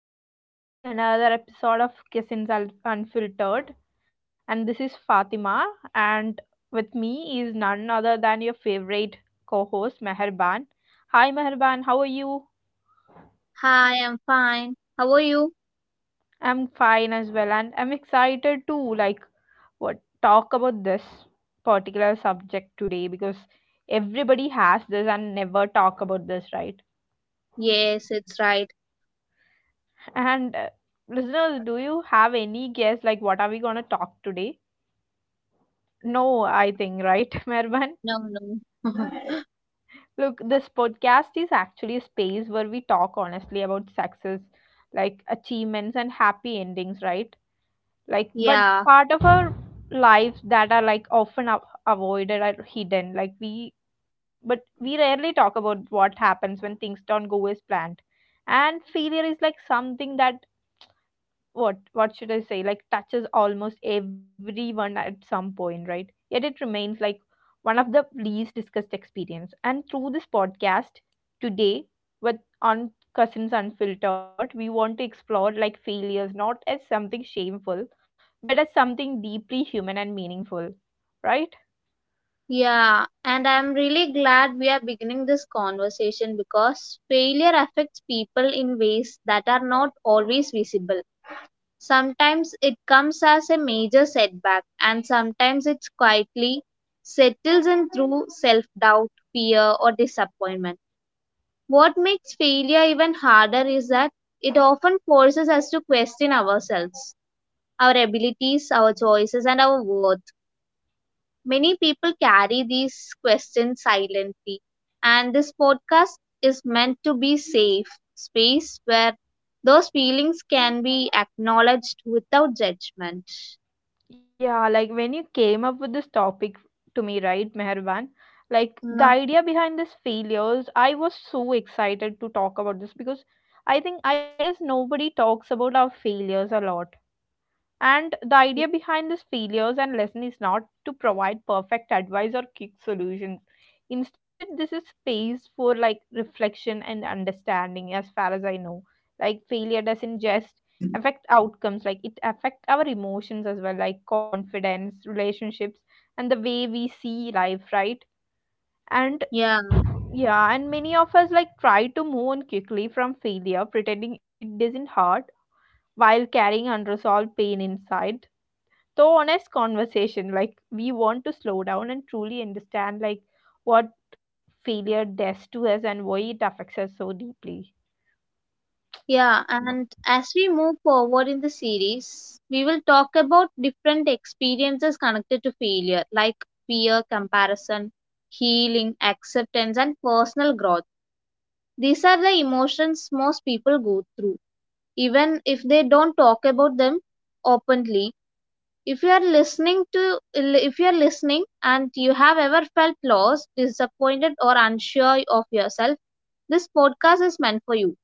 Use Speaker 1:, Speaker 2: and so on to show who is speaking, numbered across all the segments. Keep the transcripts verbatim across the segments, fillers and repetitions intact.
Speaker 1: like welcome back to another episode of Kissins Un- Unfiltered. And this is Fatima, and with me is none other than your favorite co host, Meherban. Hi, Meherban, how are you?
Speaker 2: Hi, I'm fine. How are you?
Speaker 1: I'm fine as well, and I'm excited to like what talk about this particular subject today because everybody has this and never talk about this, right?
Speaker 2: Yes, it's right.
Speaker 1: And uh, listeners, do you have any guess like what are we going to talk today? No, I think, right, Mervan?
Speaker 2: No, no.
Speaker 1: Look, this podcast is actually a space where we talk honestly about success, like achievements and happy endings, right? Like, but
Speaker 2: Yeah,
Speaker 1: part of our lives that are like often a- avoided or hidden, like we, but we rarely talk about what happens when things don't go as planned. And failure is like something that what what should I say, like touches almost everyone at some point, right? Yet it remains like one of the least discussed experience. And through this podcast today with on Cousins Unfiltered, we want to explore like failures not as something shameful, but as something deeply human and meaningful, right?
Speaker 2: yeah. And I'm really glad we are beginning this conversation because failure affects people in ways that are not always visible. Sometimes it comes as a major setback, and sometimes it quietly settles in through self doubt, fear, or disappointment. What makes failure even harder is that it often forces us to question ourselves, our abilities, our choices, and our worth. Many people carry these questions silently, and this podcast is meant to be safe space where those feelings can be acknowledged without judgment.
Speaker 1: Yeah, like when you came up with this topic to me, right, Meherban? Like the
Speaker 2: Uh,
Speaker 1: idea behind this failures, I was so excited to talk about this because I think I guess nobody talks about our failures a lot. And the idea behind this failures and lesson is not to provide perfect advice or quick solutions. Instead, this is space for like reflection and understanding, as far as I know. Like failure doesn't just affect outcomes, like it affects our emotions as well, like confidence, relationships, and the way we see life, right? And
Speaker 2: yeah,
Speaker 1: yeah, and many of us like try to move on quickly from failure, pretending it doesn't hurt while carrying unresolved pain inside. So honest conversation like we want to slow down and truly understand like what failure does to us and why it affects us so deeply.
Speaker 2: yeah, and as we move forward in the series, we will talk about different experiences connected to failure, like fear, comparison, healing, acceptance, and personal growth. These are the emotions most people go through, even if they don't talk about them openly. If you are listening to If you are listening and you have ever felt lost, disappointed, or unsure of yourself, this podcast is meant for you.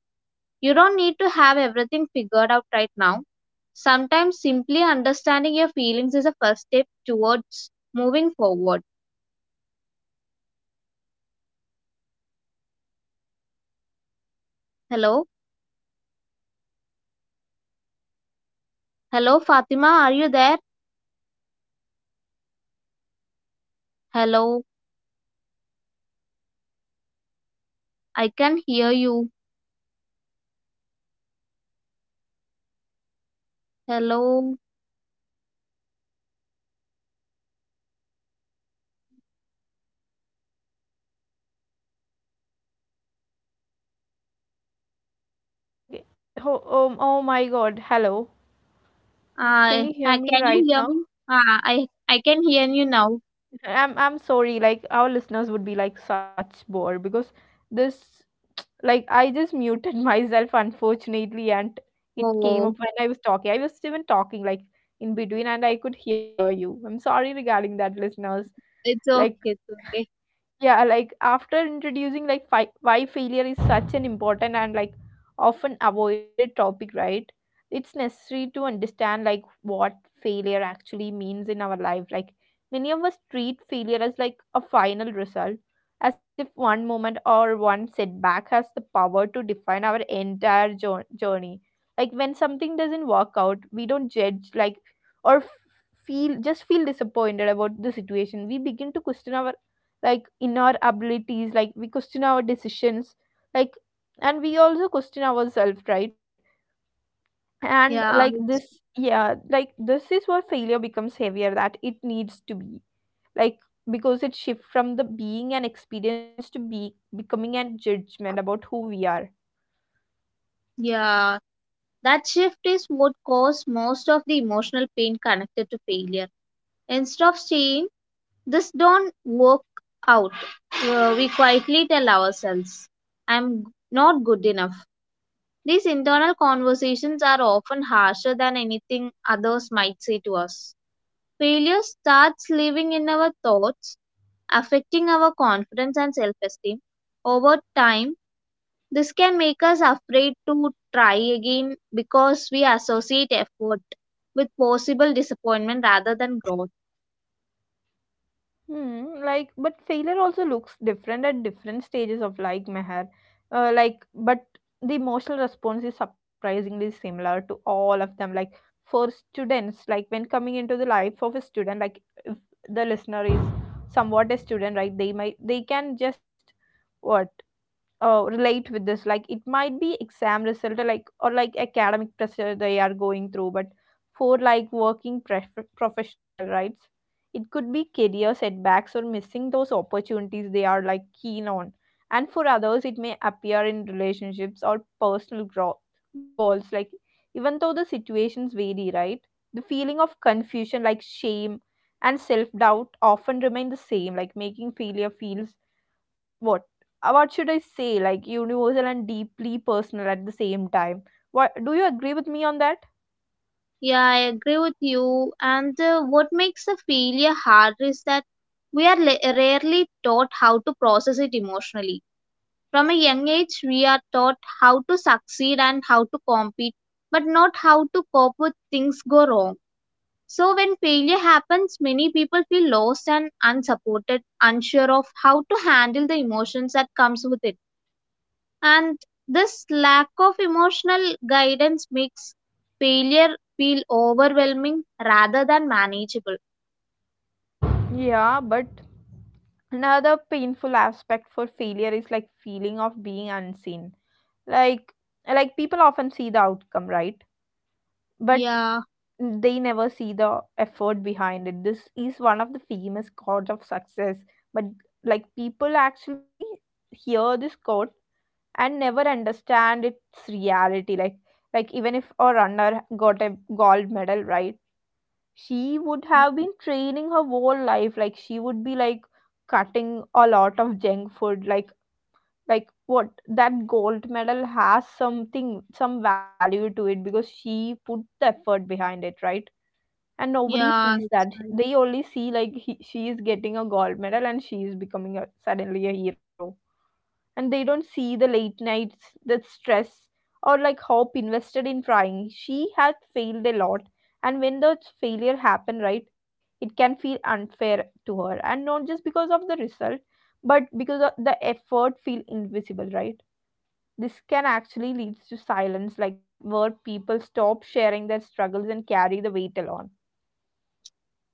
Speaker 2: You don't need to have everything figured out right now. Sometimes simply understanding your feelings is a first step towards moving forward. Hello. Hello, Fatima, are you there? Hello. I can hear you. Hello.
Speaker 1: Okay. Oh, oh, oh my god, hello. Can
Speaker 2: I
Speaker 1: you hear
Speaker 2: uh,
Speaker 1: me
Speaker 2: can you
Speaker 1: right
Speaker 2: hear
Speaker 1: now?
Speaker 2: me? Uh, I I can hear you now.
Speaker 1: I'm i'm sorry, like our listeners would be like such bored because this like I just muted myself, unfortunately, and it came up
Speaker 2: Oh,
Speaker 1: when i was talking I was even talking like in between and I could hear you. I'm sorry regarding that, listeners.
Speaker 2: it's okay,
Speaker 1: Like
Speaker 2: it's okay.
Speaker 1: yeah, like after introducing like fi- why failure is such an important and like often avoided topic, right? It's necessary to understand like what failure actually means in our life. Like many of us treat failure as like a final result, as if one moment or one setback has the power to define our entire jour- journey. Like when something doesn't work out, we don't judge, like or f- feel just feel disappointed about the situation. We begin to question our like in our abilities, like we question our decisions, like, and we also question ourselves, right? And like
Speaker 2: Yeah,
Speaker 1: this
Speaker 2: it's,
Speaker 1: yeah, like this is where failure becomes heavier that it needs to be, like because it shifts from the being an experience to be becoming a judgment about who we are.
Speaker 2: yeah. That shift is what caused most of the emotional pain connected to failure. Instead of saying this don't work out, uh, we quietly tell ourselves, "I'm not good enough." These internal conversations are often harsher than anything others might say to us. Failure starts living in our thoughts, affecting our confidence and self esteem. Over time, this can make us afraid to try again because we associate effort with possible disappointment rather than growth.
Speaker 1: Hmm, like, but failure also looks different at different stages of like Meher. Uh, like, but the emotional response is surprisingly similar to all of them. Like, for students, like when coming into the life of a student, like if the listener is somewhat a student, right? They might they can just what uh, relate with this, like it might be exam result or like or like academic pressure they are going through, but for like working pref- professional rights, it could be career setbacks or missing those opportunities they are like keen on, and for others it may appear in relationships or personal growth goals. Like even though the situations vary, right, the feeling of confusion, like shame and self doubt, often remain the same, like making failure feels what uh, what should I say, like universal and deeply personal at the same time. What, do you agree with me on that?
Speaker 2: Yeah, I agree with you. And uh, what makes the failure hard is that we are la- rarely taught how to process it emotionally. From a young age, we are taught how to succeed and how to compete, but not how to cope with things go wrong. So, when failure happens, many people feel lost and unsupported, unsure of how to handle the emotions that comes with it. And this lack of emotional guidance makes failure feel overwhelming rather than manageable.
Speaker 1: Yeah, but another painful aspect for failure is like feeling of being unseen, like like people often see the outcome, right, but
Speaker 2: Yeah,
Speaker 1: they never see the effort behind it. This is one of the famous chords of success, but like people actually hear this chord and never understand its reality, like like even if a runner got a gold medal, right, she would have been training her whole life, like she would be like cutting a lot of junk food, like like what that gold medal has something some value to it because she put the effort behind it, right? And nobody
Speaker 2: yeah,
Speaker 1: sees
Speaker 2: it's
Speaker 1: that.
Speaker 2: right.
Speaker 1: They only see like he, she is getting a gold medal and she is becoming a, suddenly a hero. And they don't see the late nights, the stress, or like hope invested in trying. She had failed a lot, and when that failure happen, right, it can feel unfair to her, and not just because of the result, but because of the effort feel invisible, right? This can actually leads to silence, like where people stop sharing their struggles and carry the weight alone.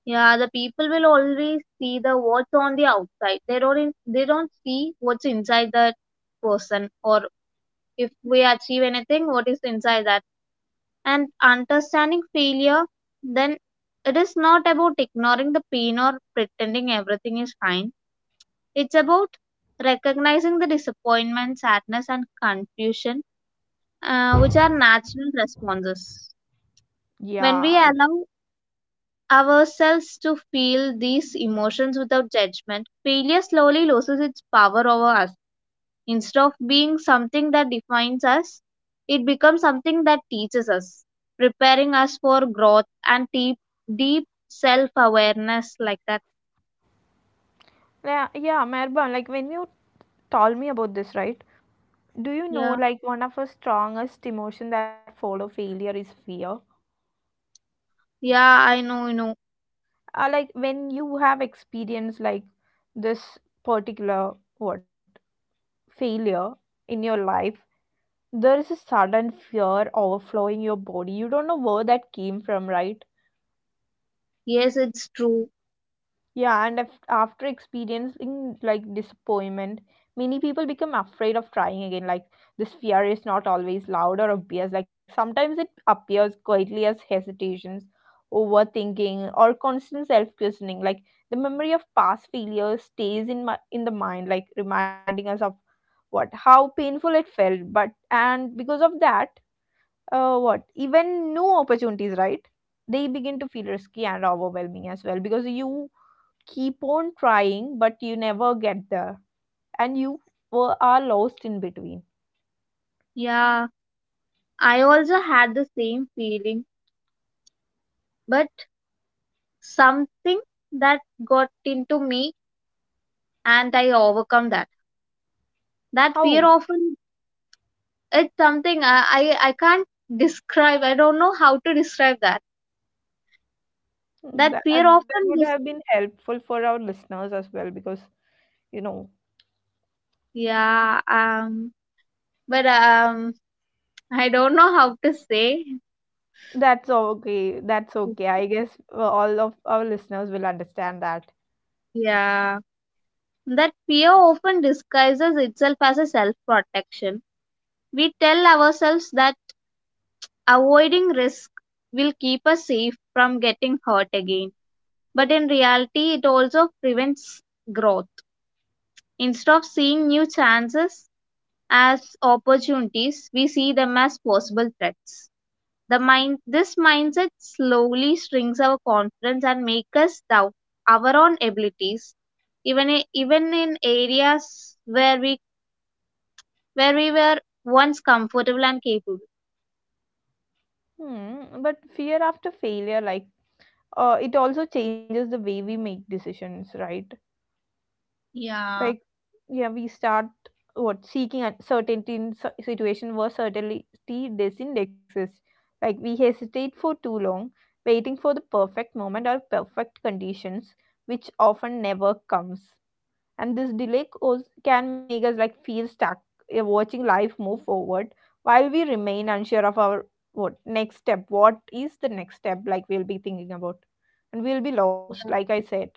Speaker 2: Yeah, the people will always see the what's on the outside. They don't in- they don't see what's inside that person, or if we achieve anything, what is inside that. And understanding failure, then, it is not about ignoring the pain or pretending everything is fine. It's about recognizing the disappointment, sadness, and confusion, uh, which are natural responses. When
Speaker 1: Yeah,
Speaker 2: we allow ourselves to feel these emotions without judgment, failure slowly loses its power over us. Instead of being something that defines us, it becomes something that teaches us, preparing us for growth and deep, deep self awareness like that.
Speaker 1: yeah, yeah, Merban. Like when you told me about this, right? Do you know,
Speaker 2: Yeah,
Speaker 1: like one of the strongest emotion that follow failure is fear.
Speaker 2: yeah, I know, you know.
Speaker 1: Uh, like when you have experienced like this particular what failure in your life, there is a sudden fear overflowing your body. You don't know where that came from, right?
Speaker 2: Yes, it's true.
Speaker 1: Yeah, and af- after experiencing like disappointment, many people become afraid of trying again. Like this fear is not always loud or obvious. Like sometimes it appears quietly as hesitations, overthinking, or constant self-questioning. Like the memory of past failures stays in my in the mind, like reminding us of what how painful it felt. But and because of that, uh, what even new opportunities, right? They begin to feel risky and overwhelming as well, because you keep on trying, but you never get there, and you were, are lost in between.
Speaker 2: Yeah, I also had the same feeling, but something that got into me and I overcome that. That
Speaker 1: How?
Speaker 2: fear often It's something I, I I can't describe. I don't know how to describe that. That
Speaker 1: That
Speaker 2: fear
Speaker 1: that
Speaker 2: often.
Speaker 1: would have been helpful for our listeners as well, because you know
Speaker 2: Yeah, um, but um, I don't know how to say.
Speaker 1: that's okay. That's okay. I guess uh, all of our listeners will understand that.
Speaker 2: Yeah, that fear often disguises itself as a self protection. We tell ourselves that avoiding risk will keep us safe from getting hurt again. But in reality, it also prevents growth. Instead of seeing new chances as opportunities, we see them as possible threats. The mind, this mindset slowly strings our confidence and make us doubt our own abilities, even i- even in areas where we where we were once comfortable and capable.
Speaker 1: Hmm. But fear after failure, like, uh, it also changes the way we make decisions, right?
Speaker 2: Yeah.
Speaker 1: Like yeah, we start what seeking uncertainty in s- situation where certainty doesn't exist, like we hesitate for too long, waiting for the perfect moment or perfect conditions, which often never comes, and this delay cause, can make us like feel stuck, uh, watching life move forward while we remain unsure of our what next step what is the next step, like we'll be thinking about, and we'll be lost
Speaker 2: Yeah.
Speaker 1: like I said.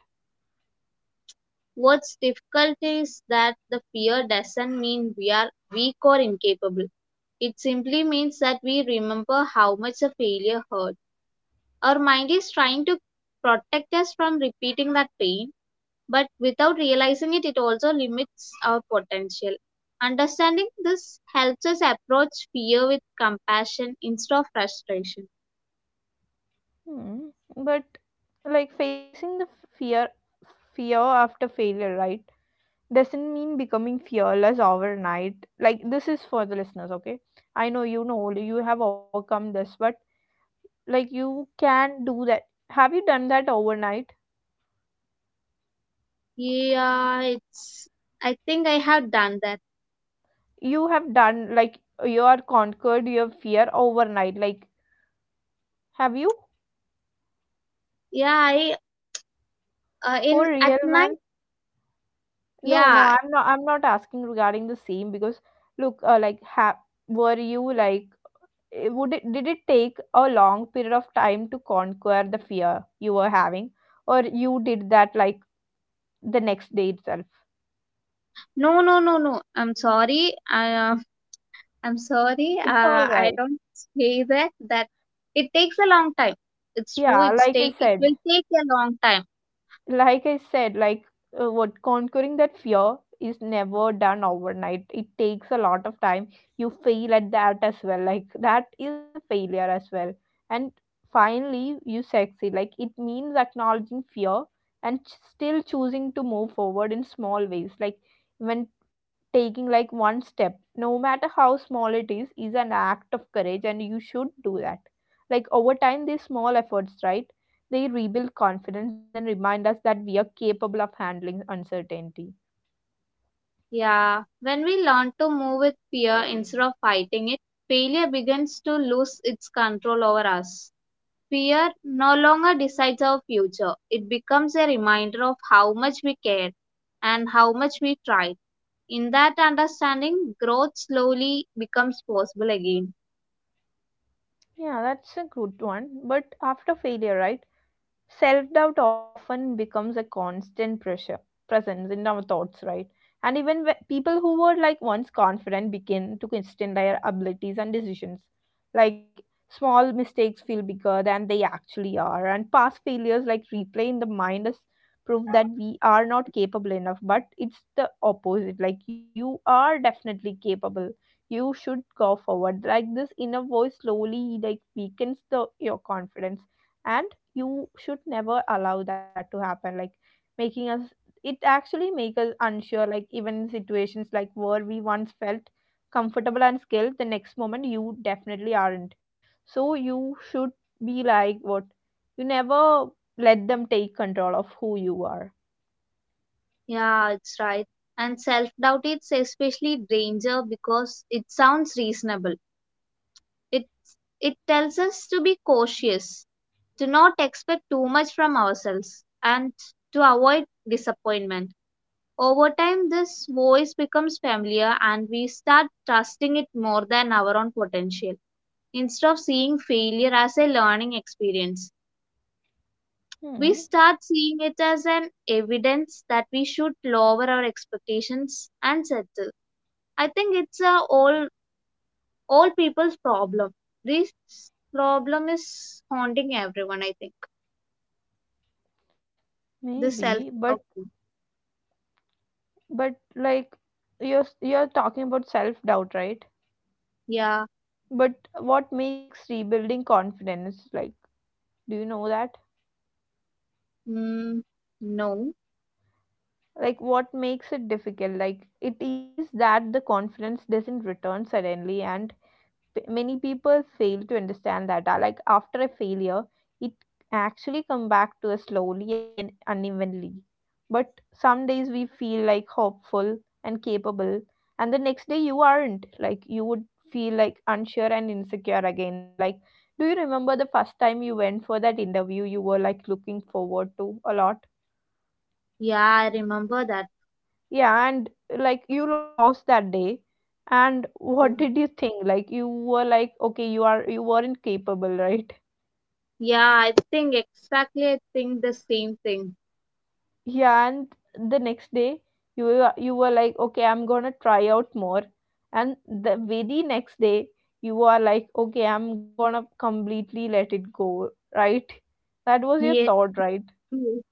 Speaker 2: What's difficult is that the fear doesn't mean we are weak or incapable. It simply means that we remember how much a failure hurt. Our mind is trying to protect us from repeating that pain, but without realizing it, it also limits our potential. Understanding this helps us approach fear with compassion instead of frustration.
Speaker 1: Hmm. But like facing the f- fear fear after failure, right? Doesn't mean becoming fearless overnight. Like this is for the listeners, okay? I know you know you have overcome this, but like you can do that. Have you done that overnight?
Speaker 2: Yeah, it's. I think I have done that.
Speaker 1: You have done like you are conquered your fear overnight. Like, have you?
Speaker 2: Yeah, I uh,
Speaker 1: For
Speaker 2: in at
Speaker 1: real,
Speaker 2: night.
Speaker 1: man? No, no,
Speaker 2: Yeah,
Speaker 1: I'm not I'm not asking regarding the same because look, uh, like have were you like it- would it did it take a long period of time to conquer the fear you were having, or you did that like the next day itself?
Speaker 2: no, no, no, no. I'm sorry. I, uh, I'm sorry.
Speaker 1: It's all
Speaker 2: Uh, I
Speaker 1: right.
Speaker 2: don't say that. That it takes a long time. It's true.
Speaker 1: Yeah,
Speaker 2: It's
Speaker 1: like I
Speaker 2: take. It
Speaker 1: said,
Speaker 2: will take a long time.
Speaker 1: like I said, like uh, what conquering that fear is never done overnight. It takes a lot of time. You fail at that as well. Like that is a failure as well. And finally, you succeed. Like it means acknowledging fear and ch- still choosing to move forward in small ways. Like when taking like one step, no matter how small it is, is an act of courage, and you should do that. Like over time, these small efforts, right, they rebuild confidence and remind us that we are capable of handling uncertainty.
Speaker 2: Yeah, when we learn to move with fear instead of fighting it, failure begins to lose its control over us. Fear no longer decides our future, it becomes a reminder of how much we care and how much we tried. In that understanding, growth slowly becomes possible again.
Speaker 1: Yeah, that's a good one. But after failure, right? Self doubt often becomes a constant pressure presence in our thoughts, right? And even whe- people who were like once confident begin to question their abilities and decisions. Like small mistakes feel bigger than they actually are, and past failures like replay in the mind is proof that we are not capable enough. But it's the opposite. Like you are definitely capable. You should go forward. Like this inner voice slowly like weakens the your confidence, and you should never allow that to happen, like making us it actually make us unsure, like even in situations like where we once felt comfortable and skilled, the next moment you definitely aren't. So you should be like what you never let them take control of who you are.
Speaker 2: Yeah, it's right. And self doubt is especially danger because it sounds reasonable. It, it tells us to be cautious, to not expect too much from ourselves, and to avoid disappointment. Over time, this voice becomes familiar and we start trusting it more than our own potential. Instead of seeing failure as a learning experience, we
Speaker 1: Hmm,
Speaker 2: start seeing it as an evidence that we should lower our expectations and settle. I think it's a all all people's problem. This problem is haunting everyone, I think. The self
Speaker 1: maybe, but
Speaker 2: doubt.
Speaker 1: but like you're you're talking about self doubt, right?
Speaker 2: Yeah.
Speaker 1: But what makes rebuilding confidence, like, do you know that?
Speaker 2: Mm, no.
Speaker 1: Like, what makes it difficult? Like, it is that the confidence doesn't return suddenly, and p- many people fail to understand that. Uh, like, after a failure, it actually come back to us slowly and unevenly. But some days we feel like hopeful and capable, and the next day you aren't, like you would feel like unsure and insecure again. Like, do you remember the first time you went for that interview? You were like looking forward to a lot.
Speaker 2: Yeah, I remember that.
Speaker 1: Yeah, and like, you lost that day, and what
Speaker 2: Film.
Speaker 1: did you think? Like, you were like, okay, you are you weren't capable, right?
Speaker 2: Yeah, I think exactly, I think the same thing.
Speaker 1: Yeah, and the next day you were you were like, okay, I'm gonna try out more. And the very next day, you are like, okay, I'm gonna completely let it go, right? That was your
Speaker 2: Yeah.
Speaker 1: thought, right?
Speaker 2: Mm.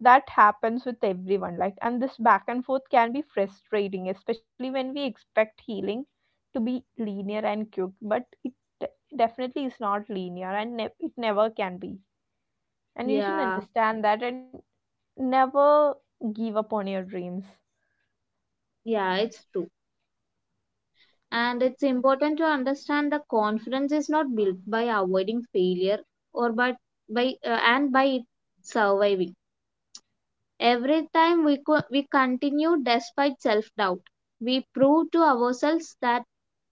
Speaker 1: That happens with everyone. Like, and this back and forth can be frustrating, especially when we expect healing to be linear and quick. But it de- definitely is not linear, and ne- it never can be. And you should
Speaker 2: Yeah,
Speaker 1: understand that and never give up on your dreams.
Speaker 2: yeah, it's true. And it's important to understand that confidence is not built by avoiding failure or by by uh, and by it surviving. Every time we co- we continue despite self doubt, we prove to ourselves that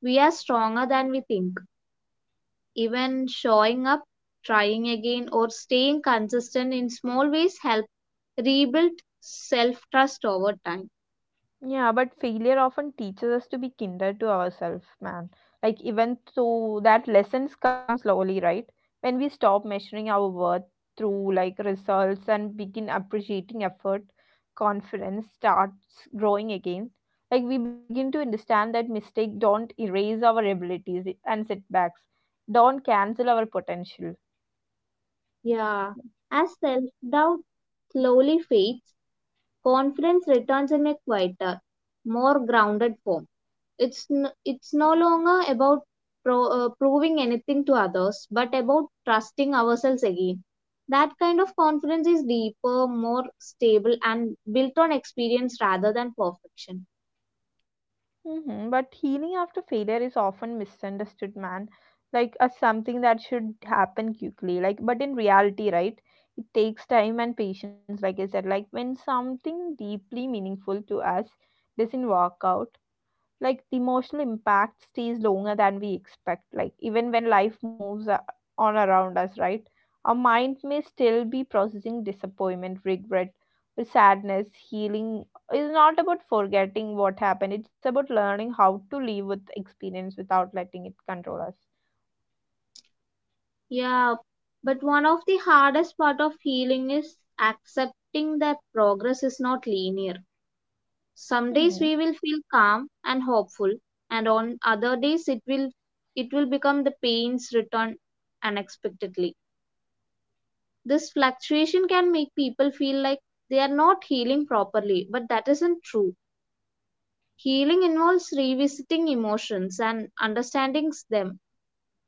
Speaker 2: we are stronger than we think. Even showing up, trying again, or staying consistent in small ways help rebuild self trust over time.
Speaker 1: Yeah, but failure often teaches us to be kinder to ourselves, man. Like, even though that lessons come slowly, right? When we stop measuring our worth through like results and begin appreciating effort, confidence starts growing again. Like, we begin to understand that mistake don't erase our abilities, and setbacks don't cancel our potential.
Speaker 2: Yeah, as self doubt slowly fades, confidence returns in a quieter, more grounded form. It's, n- it's no longer about pro- uh, proving anything to others, but about trusting ourselves again. That kind of confidence is deeper, more stable, and built on experience rather than perfection.
Speaker 1: Hmm. But healing after failure is often misunderstood, man, like as something that should happen quickly. Like, but in reality, right, it takes time and patience. Like I said, like when something deeply meaningful to us doesn't work out, like the emotional impact stays longer than we expect, like even when life moves a- on around us, right? Our mind may still be processing disappointment, regret, or sadness. Healing is not about forgetting what happened. It's about learning how to live with experience without letting it control us.
Speaker 2: Yeah, but one of the hardest part of healing is accepting that progress is not linear. Some days
Speaker 1: Hmm.
Speaker 2: we will feel calm and hopeful, and on other days it will it will become the pains return unexpectedly. This fluctuation can make people feel like they are not healing properly, but that isn't true. Healing involves revisiting emotions and understanding them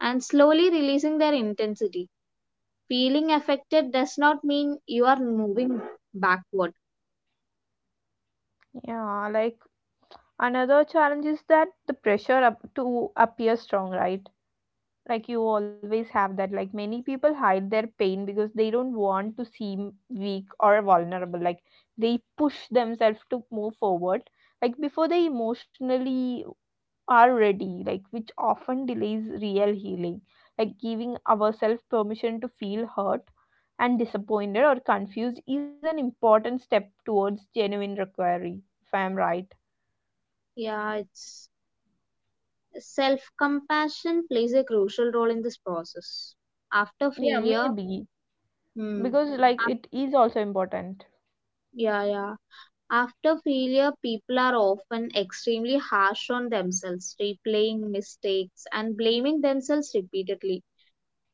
Speaker 2: and slowly releasing their intensity. Feeling affected does not mean you are moving backward.
Speaker 1: Yeah, like another challenge is that the pressure up to appear strong, right? Like, you always have that. Like, many people hide their pain because they don't want to seem weak or vulnerable. Like, they push themselves to move forward like before they emotionally are ready, like which often delays real healing. Like, giving ourselves permission to feel hurt and disappointed or confused is an important step towards genuine recovery, if I am right.
Speaker 2: Yeah, it's self compassion plays a crucial role in this process. After
Speaker 1: Yeah,
Speaker 2: failure,
Speaker 1: maybe,
Speaker 2: hmm,
Speaker 1: because like
Speaker 2: af-
Speaker 1: it is also important.
Speaker 2: yeah, yeah. After failure, people are often extremely harsh on themselves, replaying mistakes and blaming themselves repeatedly.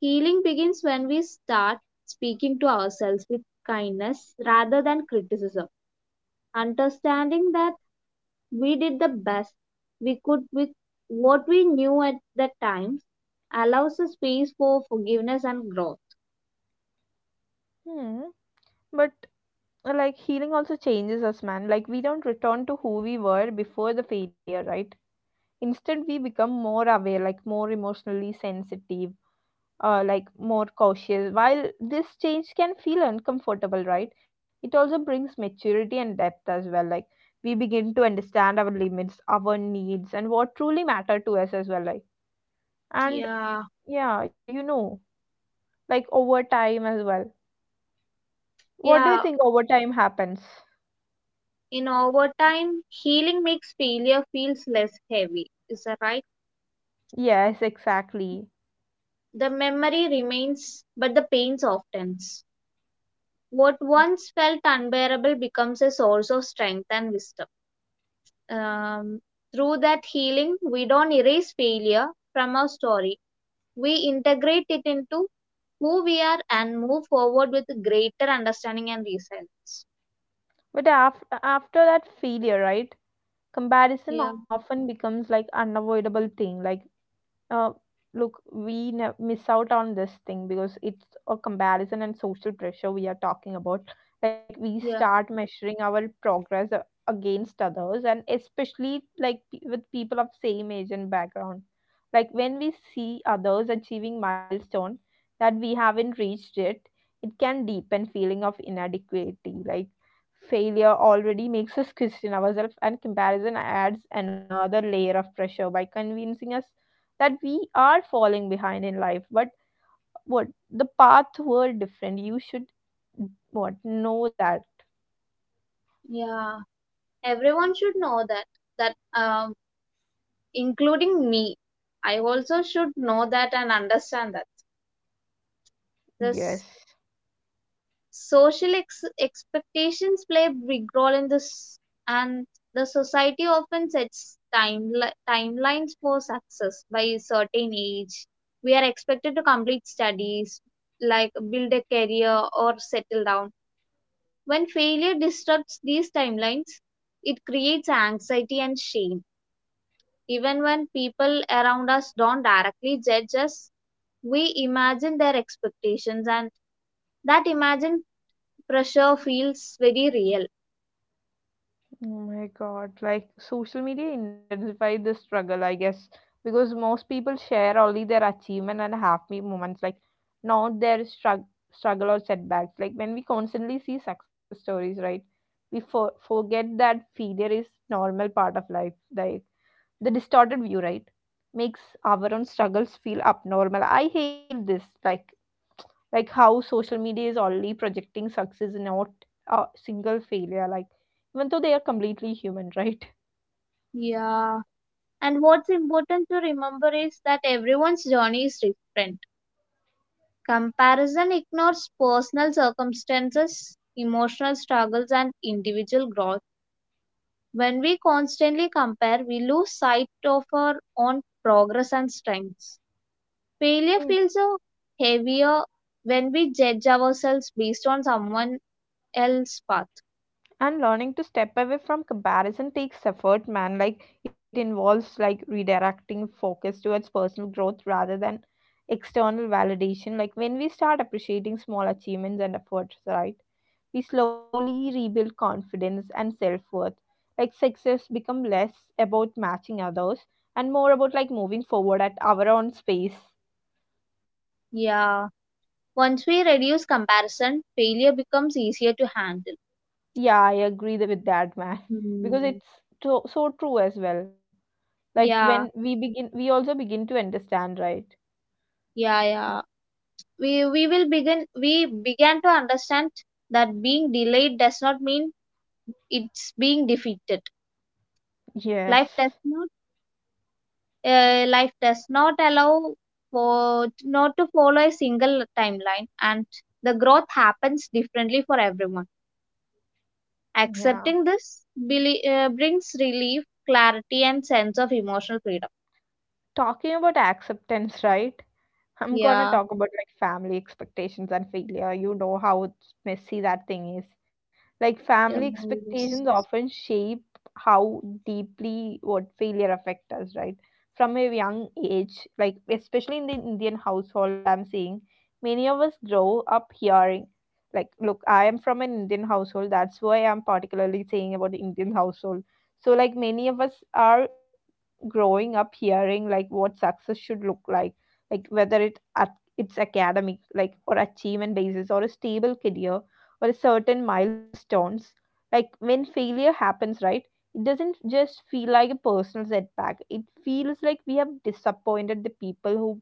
Speaker 2: Healing begins when we start speaking to ourselves with kindness rather than criticism. Understanding that we did the best we could with what we knew at that time, allows a space for forgiveness and growth.
Speaker 1: Hmm. But like, healing also changes us, man. Like, we don't return to who we were before the failure, right? Instead, we become more aware, like more emotionally sensitive, uh, like more cautious. While this change can feel uncomfortable, right, it also brings maturity and depth as well. Like, we begin to understand our limits, our needs, and what truly matter to us as well. Like and,
Speaker 2: Yeah,
Speaker 1: yeah, you know, like over time as well, what do you
Speaker 2: yeah.
Speaker 1: think over time happens?
Speaker 2: In overtime, healing makes failure feels less heavy. Is that right?
Speaker 1: Yes, exactly.
Speaker 2: The memory remains, but the pain softens. What once felt unbearable becomes a source of strength and wisdom. Um, Through that healing, we don't erase failure from our story. We integrate it into who we are and move forward with greater understanding and resilience.
Speaker 1: But af- after that failure, right?
Speaker 2: Yeah,
Speaker 1: Comparison often becomes like unavoidable thing. Like, uh, look, we ne- miss out on this thing because it's a comparison and social pressure we are talking about. Like, we
Speaker 2: yeah,
Speaker 1: start measuring our progress a- against others, and especially like pe- with people of same age and background. Like, when we see others achieving milestone that we haven't reached yet, it can deepen feeling of inadequacy. Like, failure already makes us question ourselves, and comparison adds another layer of pressure by convincing us that we are falling behind in life. But what the path were different, you should what know that.
Speaker 2: yeah. Everyone should know that, that um, including me, I also should know that and understand that. This
Speaker 1: Yes.
Speaker 2: social ex- expectations play a big role in this, and the society often sets time timelines for success by a certain age. We are expected to complete studies, like build a career or settle down. When failure disrupts these timelines, it creates anxiety and shame. Even when people around us don't directly judge us, we imagine their expectations, and that imagined pressure feels very real.
Speaker 1: Oh my God. Like, social media intensify the struggle, I guess, because most people share only their achievement and happy moments, like not their strugg struggle or setbacks. Like, when we constantly see success stories, right? We for forget that failure is normal part of life. Like, the distorted view, right, makes our own struggles feel abnormal. I hate this, like like how social media is only projecting success, not a single failure. Like, even though they are completely human, right?
Speaker 2: Yeah, and what's important to remember is that everyone's journey is different. Comparison ignores personal circumstances, emotional struggles, and individual growth. When we constantly compare, we lose sight of our own progress and strengths. Failure feels
Speaker 1: Mm.
Speaker 2: uh, heavier when we judge ourselves based on someone else's path.
Speaker 1: And learning to step away from comparison takes effort, man. Like, it involves like redirecting focus towards personal growth rather than external validation. Like, when we start appreciating small achievements and efforts, right? We slowly rebuild confidence and self-worth. Like, success become less about matching others and more about like moving forward at our own space.
Speaker 2: Yeah. Once we reduce comparison, failure becomes easier to handle.
Speaker 1: Yeah, I agree th- with that, man,
Speaker 2: Hmm.
Speaker 1: because it's to- so true as well. Like,
Speaker 2: Yeah,
Speaker 1: when we begin we also begin to understand, right?
Speaker 2: yeah, yeah. We we will begin we began to understand that being delayed does not mean it's being defeated.
Speaker 1: Yes.
Speaker 2: Life does not uh, life does not allow for not to follow a single timeline, and the growth happens differently for everyone.
Speaker 1: Yeah.
Speaker 2: Accepting this belie- uh, brings relief, clarity, and sense of emotional freedom.
Speaker 1: Talking about acceptance, right, I'm gonna
Speaker 2: Yeah.
Speaker 1: talk about like family expectations and failure. You know how it's messy that thing is. Like, family
Speaker 2: um, yes.
Speaker 1: expectations often shape how deeply what failure affect us, right? From a young age, like especially in the Indian household, I'm seeing many of us grow up hearing, like, look, I am from an Indian household. That's why I'm particularly saying about the Indian household. So, like, many of us are growing up hearing like what success should look like like whether it at it's academic, like or achievement basis, or a stable career, or a certain milestones. Like, when failure happens, right, it doesn't just feel like a personal setback. It feels like we have disappointed the people who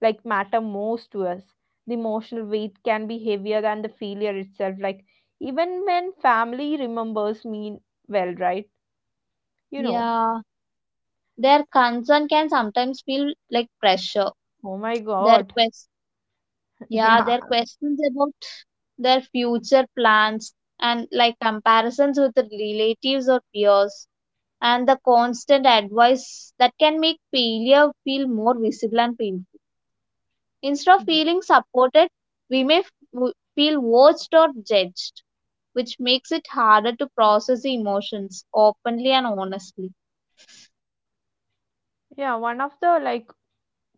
Speaker 1: like matter most to us. The emotional weight can be heavier than the failure itself. Like, even when family remembers me well, right? You know.
Speaker 2: Yeah, their concern can sometimes feel like pressure.
Speaker 1: Oh my
Speaker 2: Their
Speaker 1: God.
Speaker 2: quest, yeah,
Speaker 1: Yeah.
Speaker 2: their questions about their future plans, and like comparisons with the relatives or peers, and the constant advice, that can make failure feel more visible and painful. Instead of
Speaker 1: Yeah.
Speaker 2: feeling supported, we may f- w- feel watched or judged, which makes it harder to process the emotions openly and honestly.
Speaker 1: Yeah, one of the like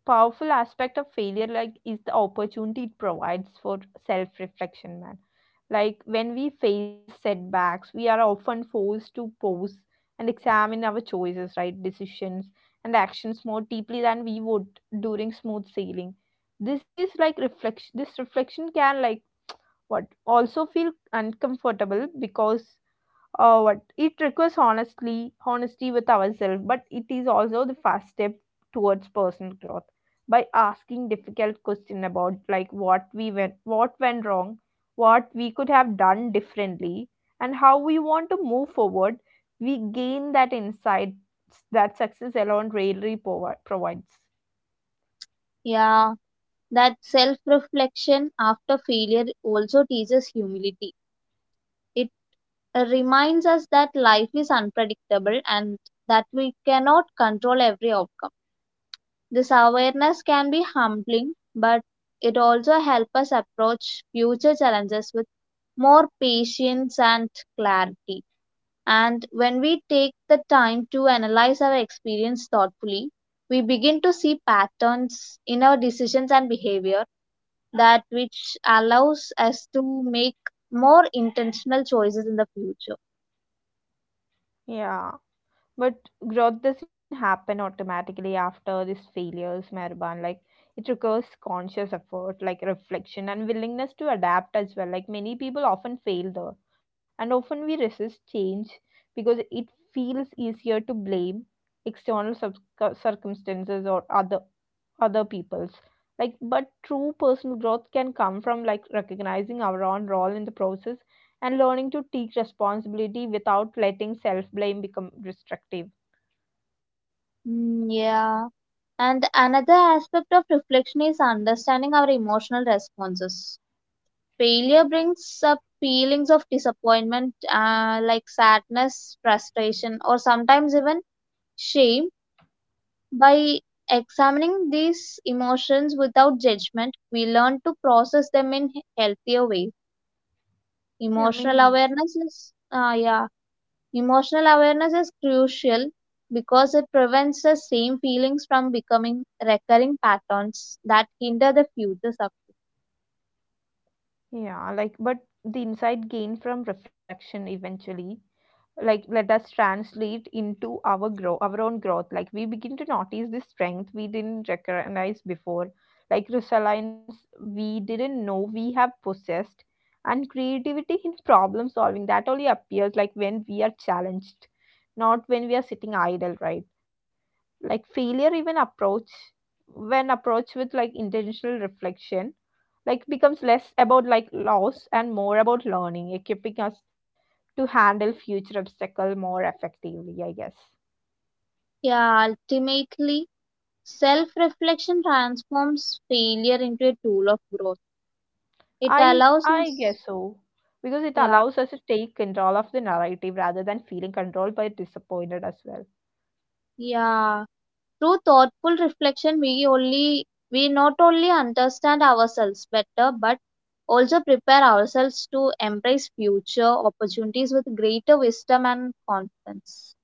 Speaker 1: powerful aspect of failure like is the opportunity it provides for self-reflection, man. Like, when we face setbacks, we are often forced to pause and examine our choices, right? Decisions and actions more deeply than we would during smooth sailing. This is like reflection. This reflection can like what also feel uncomfortable because uh, what it requires honestly honesty with ourselves. But it is also the first step towards personal growth. By asking difficult question about like what we went what went wrong, what we could have done differently, and how we want to move forward, we gain that insight that success alone rarely provi- provides.
Speaker 2: Yeah, that self reflection after failure also teaches humility. It uh, reminds us that life is unpredictable and that we cannot control every outcome. This awareness can be humbling, but it also helps us approach future challenges with more patience and clarity. And when we take the time to analyze our experience thoughtfully, we begin to see patterns in our decisions and behavior that which allows us to make more intentional choices in the future.
Speaker 1: Yeah. But growth doesn't happen automatically after these failures, Mehriban. Like, it requires conscious effort, like reflection and willingness to adapt as well. Like, many people often fail though, and often we resist change because it feels easier to blame external subc- circumstances or other other people's. Like, but true personal growth can come from like recognizing our own role in the process and learning to take responsibility without letting self blame become restrictive.
Speaker 2: Mm, yeah. And another aspect of reflection is understanding our emotional responses. Failure brings up feelings of disappointment, uh, like sadness, frustration, or sometimes even shame. By examining these emotions without judgment, we learn to process them in healthier ways.
Speaker 1: Yeah,
Speaker 2: Emotional
Speaker 1: maybe.
Speaker 2: awareness is uh, yeah, emotional awareness is crucial because it prevents the same feelings from becoming recurring patterns that hinder the future success.
Speaker 1: Yeah, like, but the insight gained from reflection eventually, like, let us translate into our grow, our own growth. Like, we begin to notice the strength we didn't recognize before, like resilience we didn't know we have possessed, and creativity in problem solving that only appears like when we are challenged, not when we are sitting idle, right? Like, failure even approach when approached with like intentional reflection, like becomes less about like loss and more about learning, equipping us to handle future obstacle more effectively, I guess.
Speaker 2: Yeah, ultimately self reflection transforms failure into a tool of growth. It
Speaker 1: I
Speaker 2: allows
Speaker 1: i
Speaker 2: us,
Speaker 1: guess so, because it
Speaker 2: yeah,
Speaker 1: allows us to take control of the narrative rather than feeling controlled by disappointed as well.
Speaker 2: yeah. Through thoughtful reflection, we only we not only understand ourselves better, but also prepare ourselves to embrace future opportunities with greater wisdom and confidence.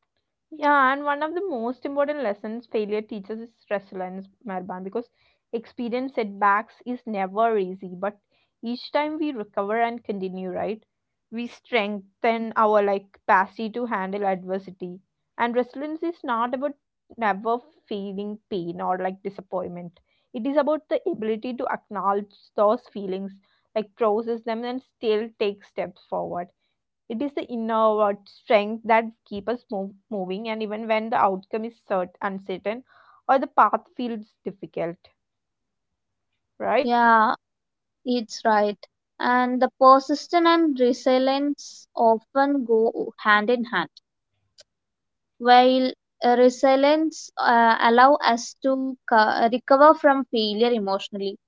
Speaker 1: Yeah, and one of the most important lessons failure teaches is resilience, Marban, because experience setbacks is never easy, but each time we recover and continue, right? We strengthen our like capacity to handle adversity. And resilience is not about never feeling pain or like disappointment. It is about the ability to acknowledge those feelings, like process them and still take steps forward. It is the inward strength that keep us move, moving, and even when the outcome is cert- uncertain or the path feels difficult, right?
Speaker 2: Yeah, it's right. And the persistence and resilience often go hand in hand. While uh, resilience uh, allow us to co- recover from failure emotionally,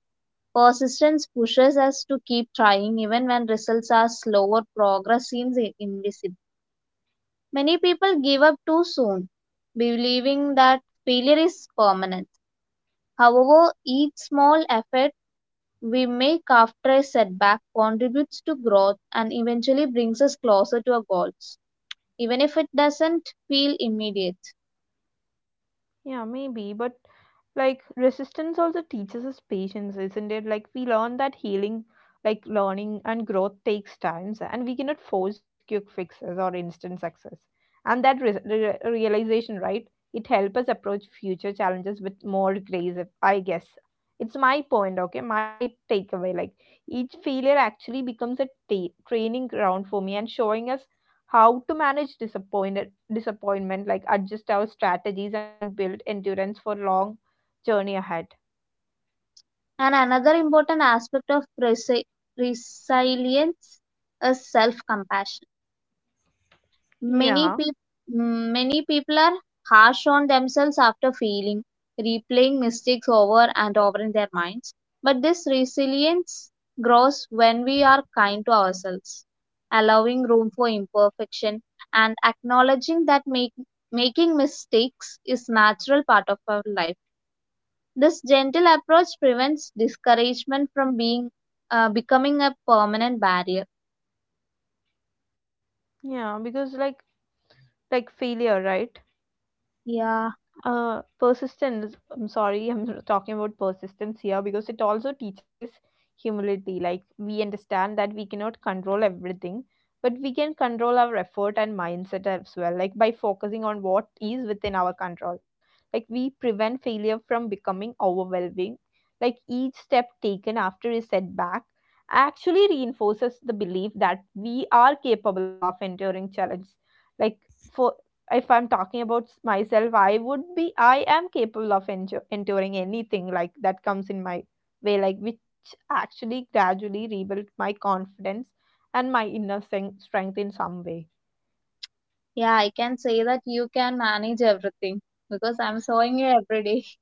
Speaker 2: persistence pushes us to keep trying even when results are slow or progress seems i- invisible. Many people give up too soon, believing that failure is permanent. However, each small effort we make after a setback contributes to growth and eventually brings us closer to our goals, even if it doesn't feel immediate.
Speaker 1: Yeah, maybe, but like resistance also teaches us patience, isn't it? Like, we learn that healing, like learning and growth takes times, and we cannot force quick fixes or instant success. And that re- re- realization, right? It helps us approach future challenges with more grace, if- I guess. It's my point, okay? My takeaway. Like, each failure actually becomes a ta- training ground for me and showing us how to manage disappointment disappointment, like adjust our strategies and build endurance for long journey ahead.
Speaker 2: And another important aspect of resi- resilience is self-compassion. Many
Speaker 1: Yeah.
Speaker 2: people Many people are harsh on themselves after failing, replaying mistakes over and over in their minds. But this resilience grows when we are kind to ourselves, allowing room for imperfection and acknowledging that make, making mistakes is natural part of our life. This gentle approach prevents discouragement from being uh, becoming a permanent barrier.
Speaker 1: Yeah, because like like failure, right?
Speaker 2: Yeah,
Speaker 1: Uh persistence, I'm sorry, I'm talking about persistence here because it also teaches humility. Like we understand that we cannot control everything, but we can control our effort and mindset as well. Like by focusing on what is within our control, like we prevent failure from becoming overwhelming. Like each step taken after a setback actually reinforces the belief that we are capable of enduring challenge. Like for if I'm talking about myself, I would be I am capable of enjo- enduring anything like that comes in my way, like which actually gradually rebuilt my confidence and my inner sen- strength in some way.
Speaker 2: yeah, I can say that you can manage everything because I'm showing you every day.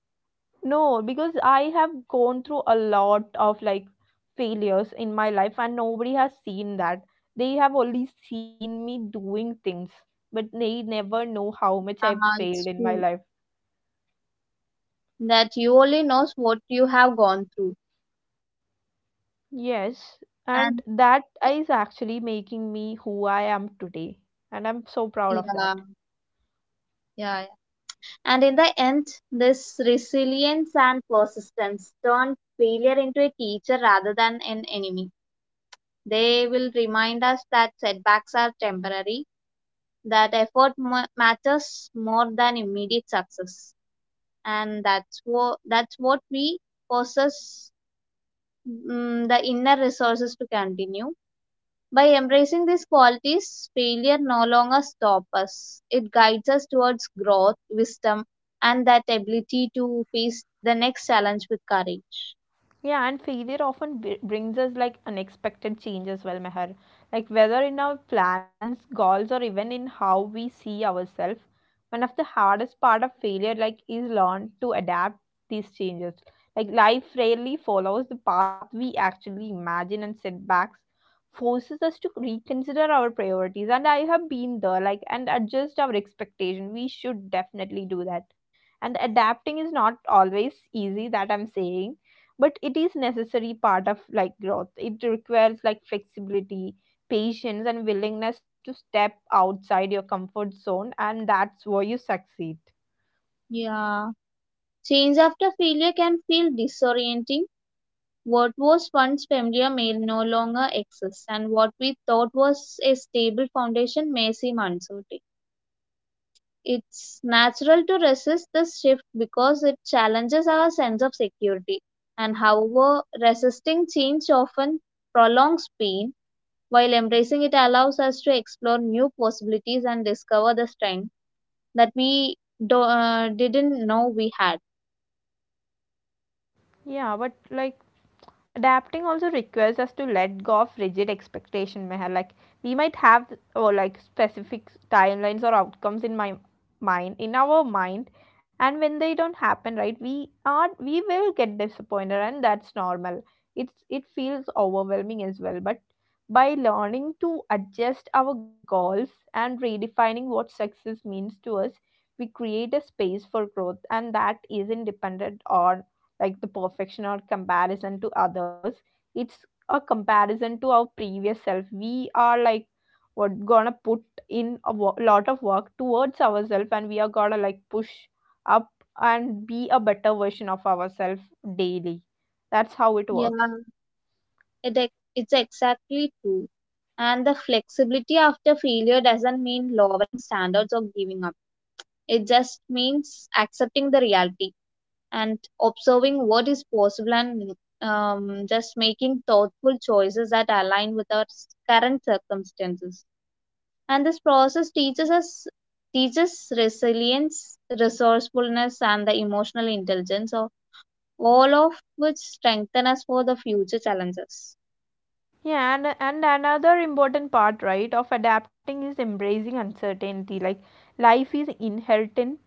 Speaker 1: No, because I have gone through a lot of like failures in my life, and nobody has seen that. They have only seen me doing things, but they never know how
Speaker 2: Uh,
Speaker 1: much
Speaker 2: it's
Speaker 1: I've
Speaker 2: true
Speaker 1: failed in my life.
Speaker 2: that you only knows what you have gone through,
Speaker 1: Yes,
Speaker 2: and
Speaker 1: and that is actually making me who I am today, and I'm so proud of
Speaker 2: yeah,
Speaker 1: that.
Speaker 2: yeah, yeah. And in the end, this resilience and persistence turn failure into a teacher rather than an enemy. They will remind us that setbacks are temporary, that effort ma- matters more than immediate success, and that's what that's what we possess, mm, the inner resources to continue. By embracing these qualities, failure no longer stops us. It guides us towards growth, wisdom, and that ability to face the next challenge with courage.
Speaker 1: Yeah, and failure often b- brings us like unexpected change as well, Meher. Like whether in our plans, goals, or even in how we see ourselves, one of the hardest part of failure like is learn to adapt these changes. Like life rarely follows the path we actually imagine, and setbacks forces us to reconsider our priorities. And I have been there, like and adjust our expectation. We should definitely do that. And adapting is not always easy. That I'm saying, but it is necessary part of like growth. It requires like flexibility, patience and willingness to step outside your comfort zone, and that's where you succeed.
Speaker 2: Yeah, change after failure can feel disorienting. What was once familiar may no longer exist, and what we thought was a stable foundation may seem uncertain. It's natural to resist this shift because it challenges our sense of security, and however, resisting change often prolongs pain, while embracing it allows us to explore new possibilities and discover the strength that we do, uh, didn't know we had.
Speaker 1: Yeah, but like adapting also requires us to let go of rigid expectation, Meher. Like we might have or like specific timelines or outcomes in my mind, in our mind, and when they don't happen, right, we are we will get disappointed, and that's normal. It's it feels overwhelming as well, but by learning to adjust our goals and redefining what success means to us, we create a space for growth, and that isn't dependent on like the perfection or comparison to others. It's a comparison to our previous self. We are like we're gonna put in a wo- lot of work towards ourselves, and we are gonna like push up and be a better version of ourselves daily. That's how it
Speaker 2: Yeah,
Speaker 1: works.
Speaker 2: it, ex- it's exactly true. And the flexibility after failure doesn't mean lowering standards or giving up. It just means accepting the reality and observing what is possible, and um, just making thoughtful choices that align with our s- current circumstances. And this process teaches us teaches resilience, resourcefulness, and the emotional intelligence, all all of which strengthen us for the future challenges.
Speaker 1: Yeah, and, and another important part, right, of adapting is embracing uncertainty. Like life is inherently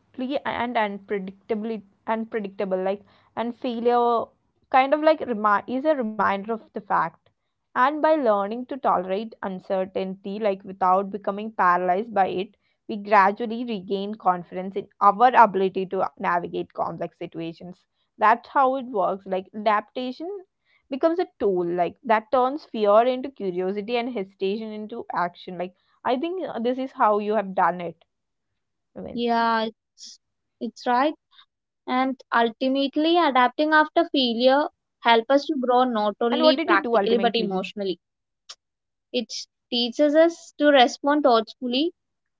Speaker 1: and unpredictably unpredictable. Like and failure kind of like remi- is a reminder of the fact. And by learning to tolerate uncertainty, like without becoming paralyzed by it, we gradually regain confidence in our ability to navigate complex situations. That's how it works. Like adaptation becomes a tool like that turns fear into curiosity and hesitation into action. Like I think uh, this is how you have done it, I mean,
Speaker 2: Yeah, it's, it's right. And ultimately, adapting
Speaker 1: and what
Speaker 2: after
Speaker 1: did you do
Speaker 2: failure help
Speaker 1: ultimately.
Speaker 2: us to grow not only practically but emotionally. It teaches us to respond thoughtfully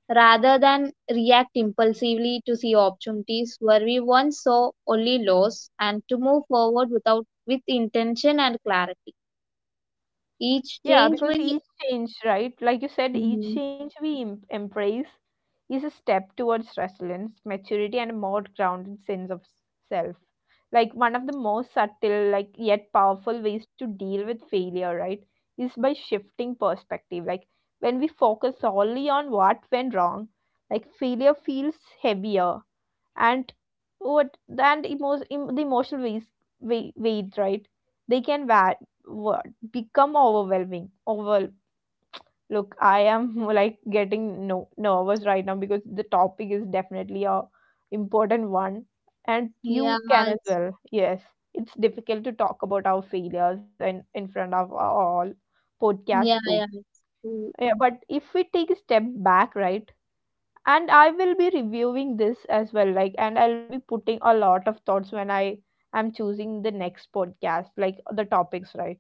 Speaker 2: rather than react impulsively, to see opportunities where we once saw only loss, and to move forward without with intention and clarity. Each
Speaker 1: Yeah,
Speaker 2: change
Speaker 1: because each
Speaker 2: we,
Speaker 1: change, right? Like you said, each
Speaker 2: mhm,
Speaker 1: change we em- embrace is a step towards resilience, maturity, and a more grounded sense of s- self. Like one of the most subtle, like yet powerful ways to deal with failure, right, is by shifting perspective. Like when we focus solely on what went wrong, like failure feels heavier, and what and emo- em- the emotional weight, weight, weight, right, they can va- wa- become overwhelming over. Look, I am like getting no nervous right now because the topic is definitely a important one, and you
Speaker 2: yeah,
Speaker 1: can as
Speaker 2: it's
Speaker 1: well, yes. It's difficult to talk about our failures and in front of all podcast
Speaker 2: yeah,
Speaker 1: group.
Speaker 2: yeah, it's true.
Speaker 1: Yeah, but if we take a step back, right, and I will be reviewing this as well, like and I'll be putting a lot of thoughts when I am choosing the next podcast, like the topics, right,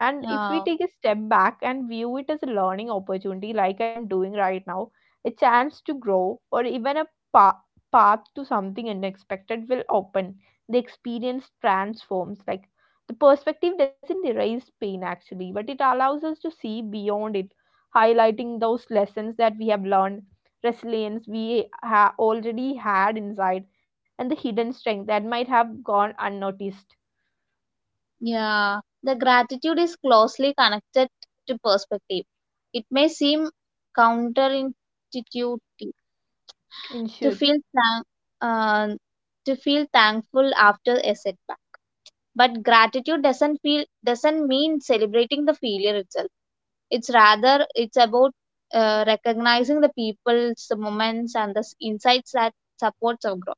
Speaker 1: and if we
Speaker 2: Yeah.
Speaker 1: take a step back and view it as a learning opportunity, like I'm doing right now, a chance to grow or even a pa- path to something unexpected will open. The experience transforms. Like the perspective doesn't erase pain actually, but it allows us to see beyond it, highlighting those lessons that we have learned, resilience we ha- already had inside, and the hidden strength that might have gone unnoticed.
Speaker 2: Yeah, the gratitude is closely connected to perspective. It may seem counterintuitive to
Speaker 1: In short,
Speaker 2: feel thank, uh, to feel thankful after a setback, but gratitude doesn't feel doesn't mean celebrating the failure itself. It's rather it's about uh, recognizing the people's moments and the s- insights that supports our growth.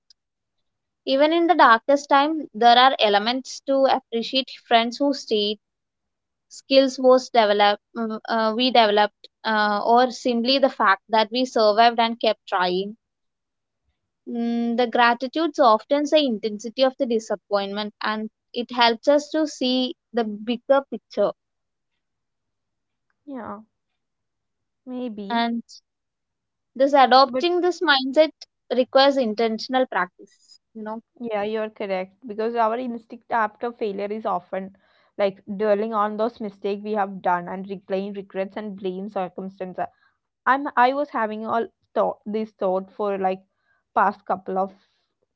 Speaker 2: Even in the darkest time, there are elements to appreciate: friends who stayed, skills was developed, mm, uh, we developed, uh, or simply the fact that we survived and kept trying. Mm, the gratitudes often say intensity of the disappointment, and it helps us to see the bigger picture.
Speaker 1: yeah, maybe.
Speaker 2: And this
Speaker 1: But
Speaker 2: adopting this mindset requires intentional practice, you know.
Speaker 1: yeah, you're correct. Because our instinct after failure is often like dwelling on those mistakes we have done and replaying regrets and blame circumstances. I'm I was having all thought this thought for like past couple of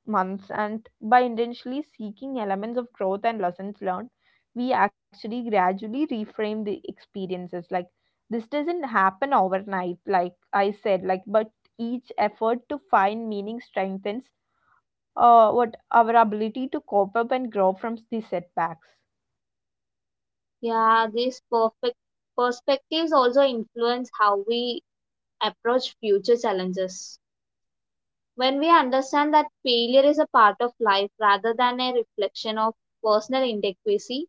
Speaker 1: months, and by intentionally seeking elements of growth and lessons learned, we actually gradually reframe the experiences. Like this doesn't happen overnight, like I said, like but each effort to find meaning strengthens uh, what our ability to cope up and grow from these setbacks.
Speaker 2: Yeah, these perfect perspectives also influence how we approach future challenges. When we understand that failure is a part of life rather than a reflection of personal inadequacy,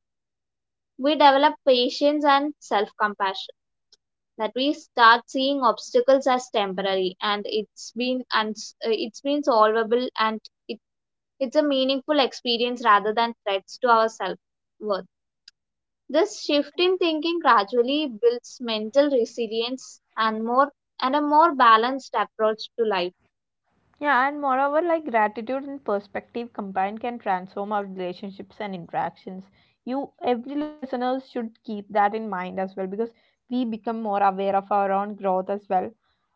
Speaker 2: we develop patience and self compassion. That we start seeing obstacles as temporary and it's been and it's been solvable, and it, it's a meaningful experience rather than threats to our self worth. This shift in thinking gradually builds mental resilience and more and a more balanced approach to life.
Speaker 1: Yeah, and moreover, like gratitude and perspective combined can transform our relationships and interactions. You, every listener, should keep that in mind as well, because we become more aware of our own growth as well,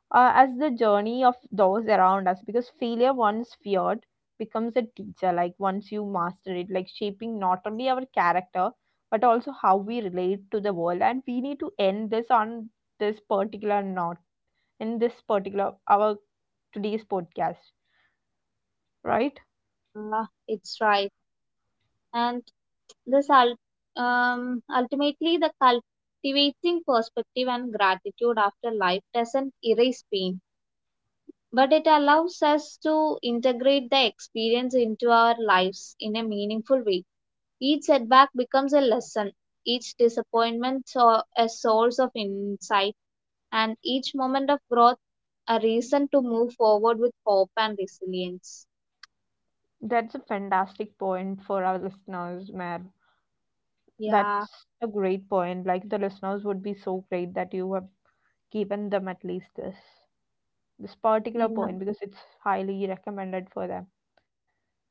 Speaker 1: uh, as the journey of those around us, because failure once feared becomes a teacher like once you master it, like shaping not only our character but also how we relate to the world. And we need to end this on this particular note, in this particular our today's podcast, right.
Speaker 2: Ah, it's right. And This ul- um, ultimately the cultivating perspective and gratitude after life doesn't erase pain, but it allows us to integrate the experience into our lives in a meaningful way. Each setback becomes a lesson, each disappointment so- a source of insight, and each moment of growth a reason to move forward with hope and resilience.
Speaker 1: That's a fantastic point for our listeners, man.
Speaker 2: Yeah,
Speaker 1: That's a great point. Like the listeners would be so great that you have given them at least this this particular
Speaker 2: yeah.
Speaker 1: point,
Speaker 2: I
Speaker 1: because it's highly recommended for them.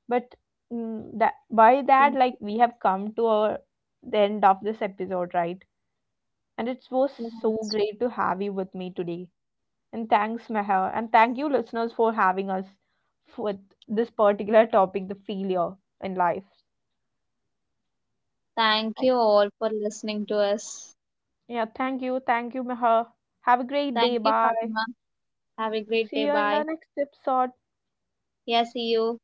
Speaker 1: But mm, that by that like
Speaker 2: think-
Speaker 1: we have come to our, the end of this episode, right, and it was
Speaker 2: yeah,
Speaker 1: so
Speaker 2: it's-
Speaker 1: great to have you with me today. And thanks, Meher, and thank you listeners for having us with this particular topic, the failure in life.
Speaker 2: thank you all for listening to us. Thank you, Fatima. Have a great day. Bye. Yeah, see you.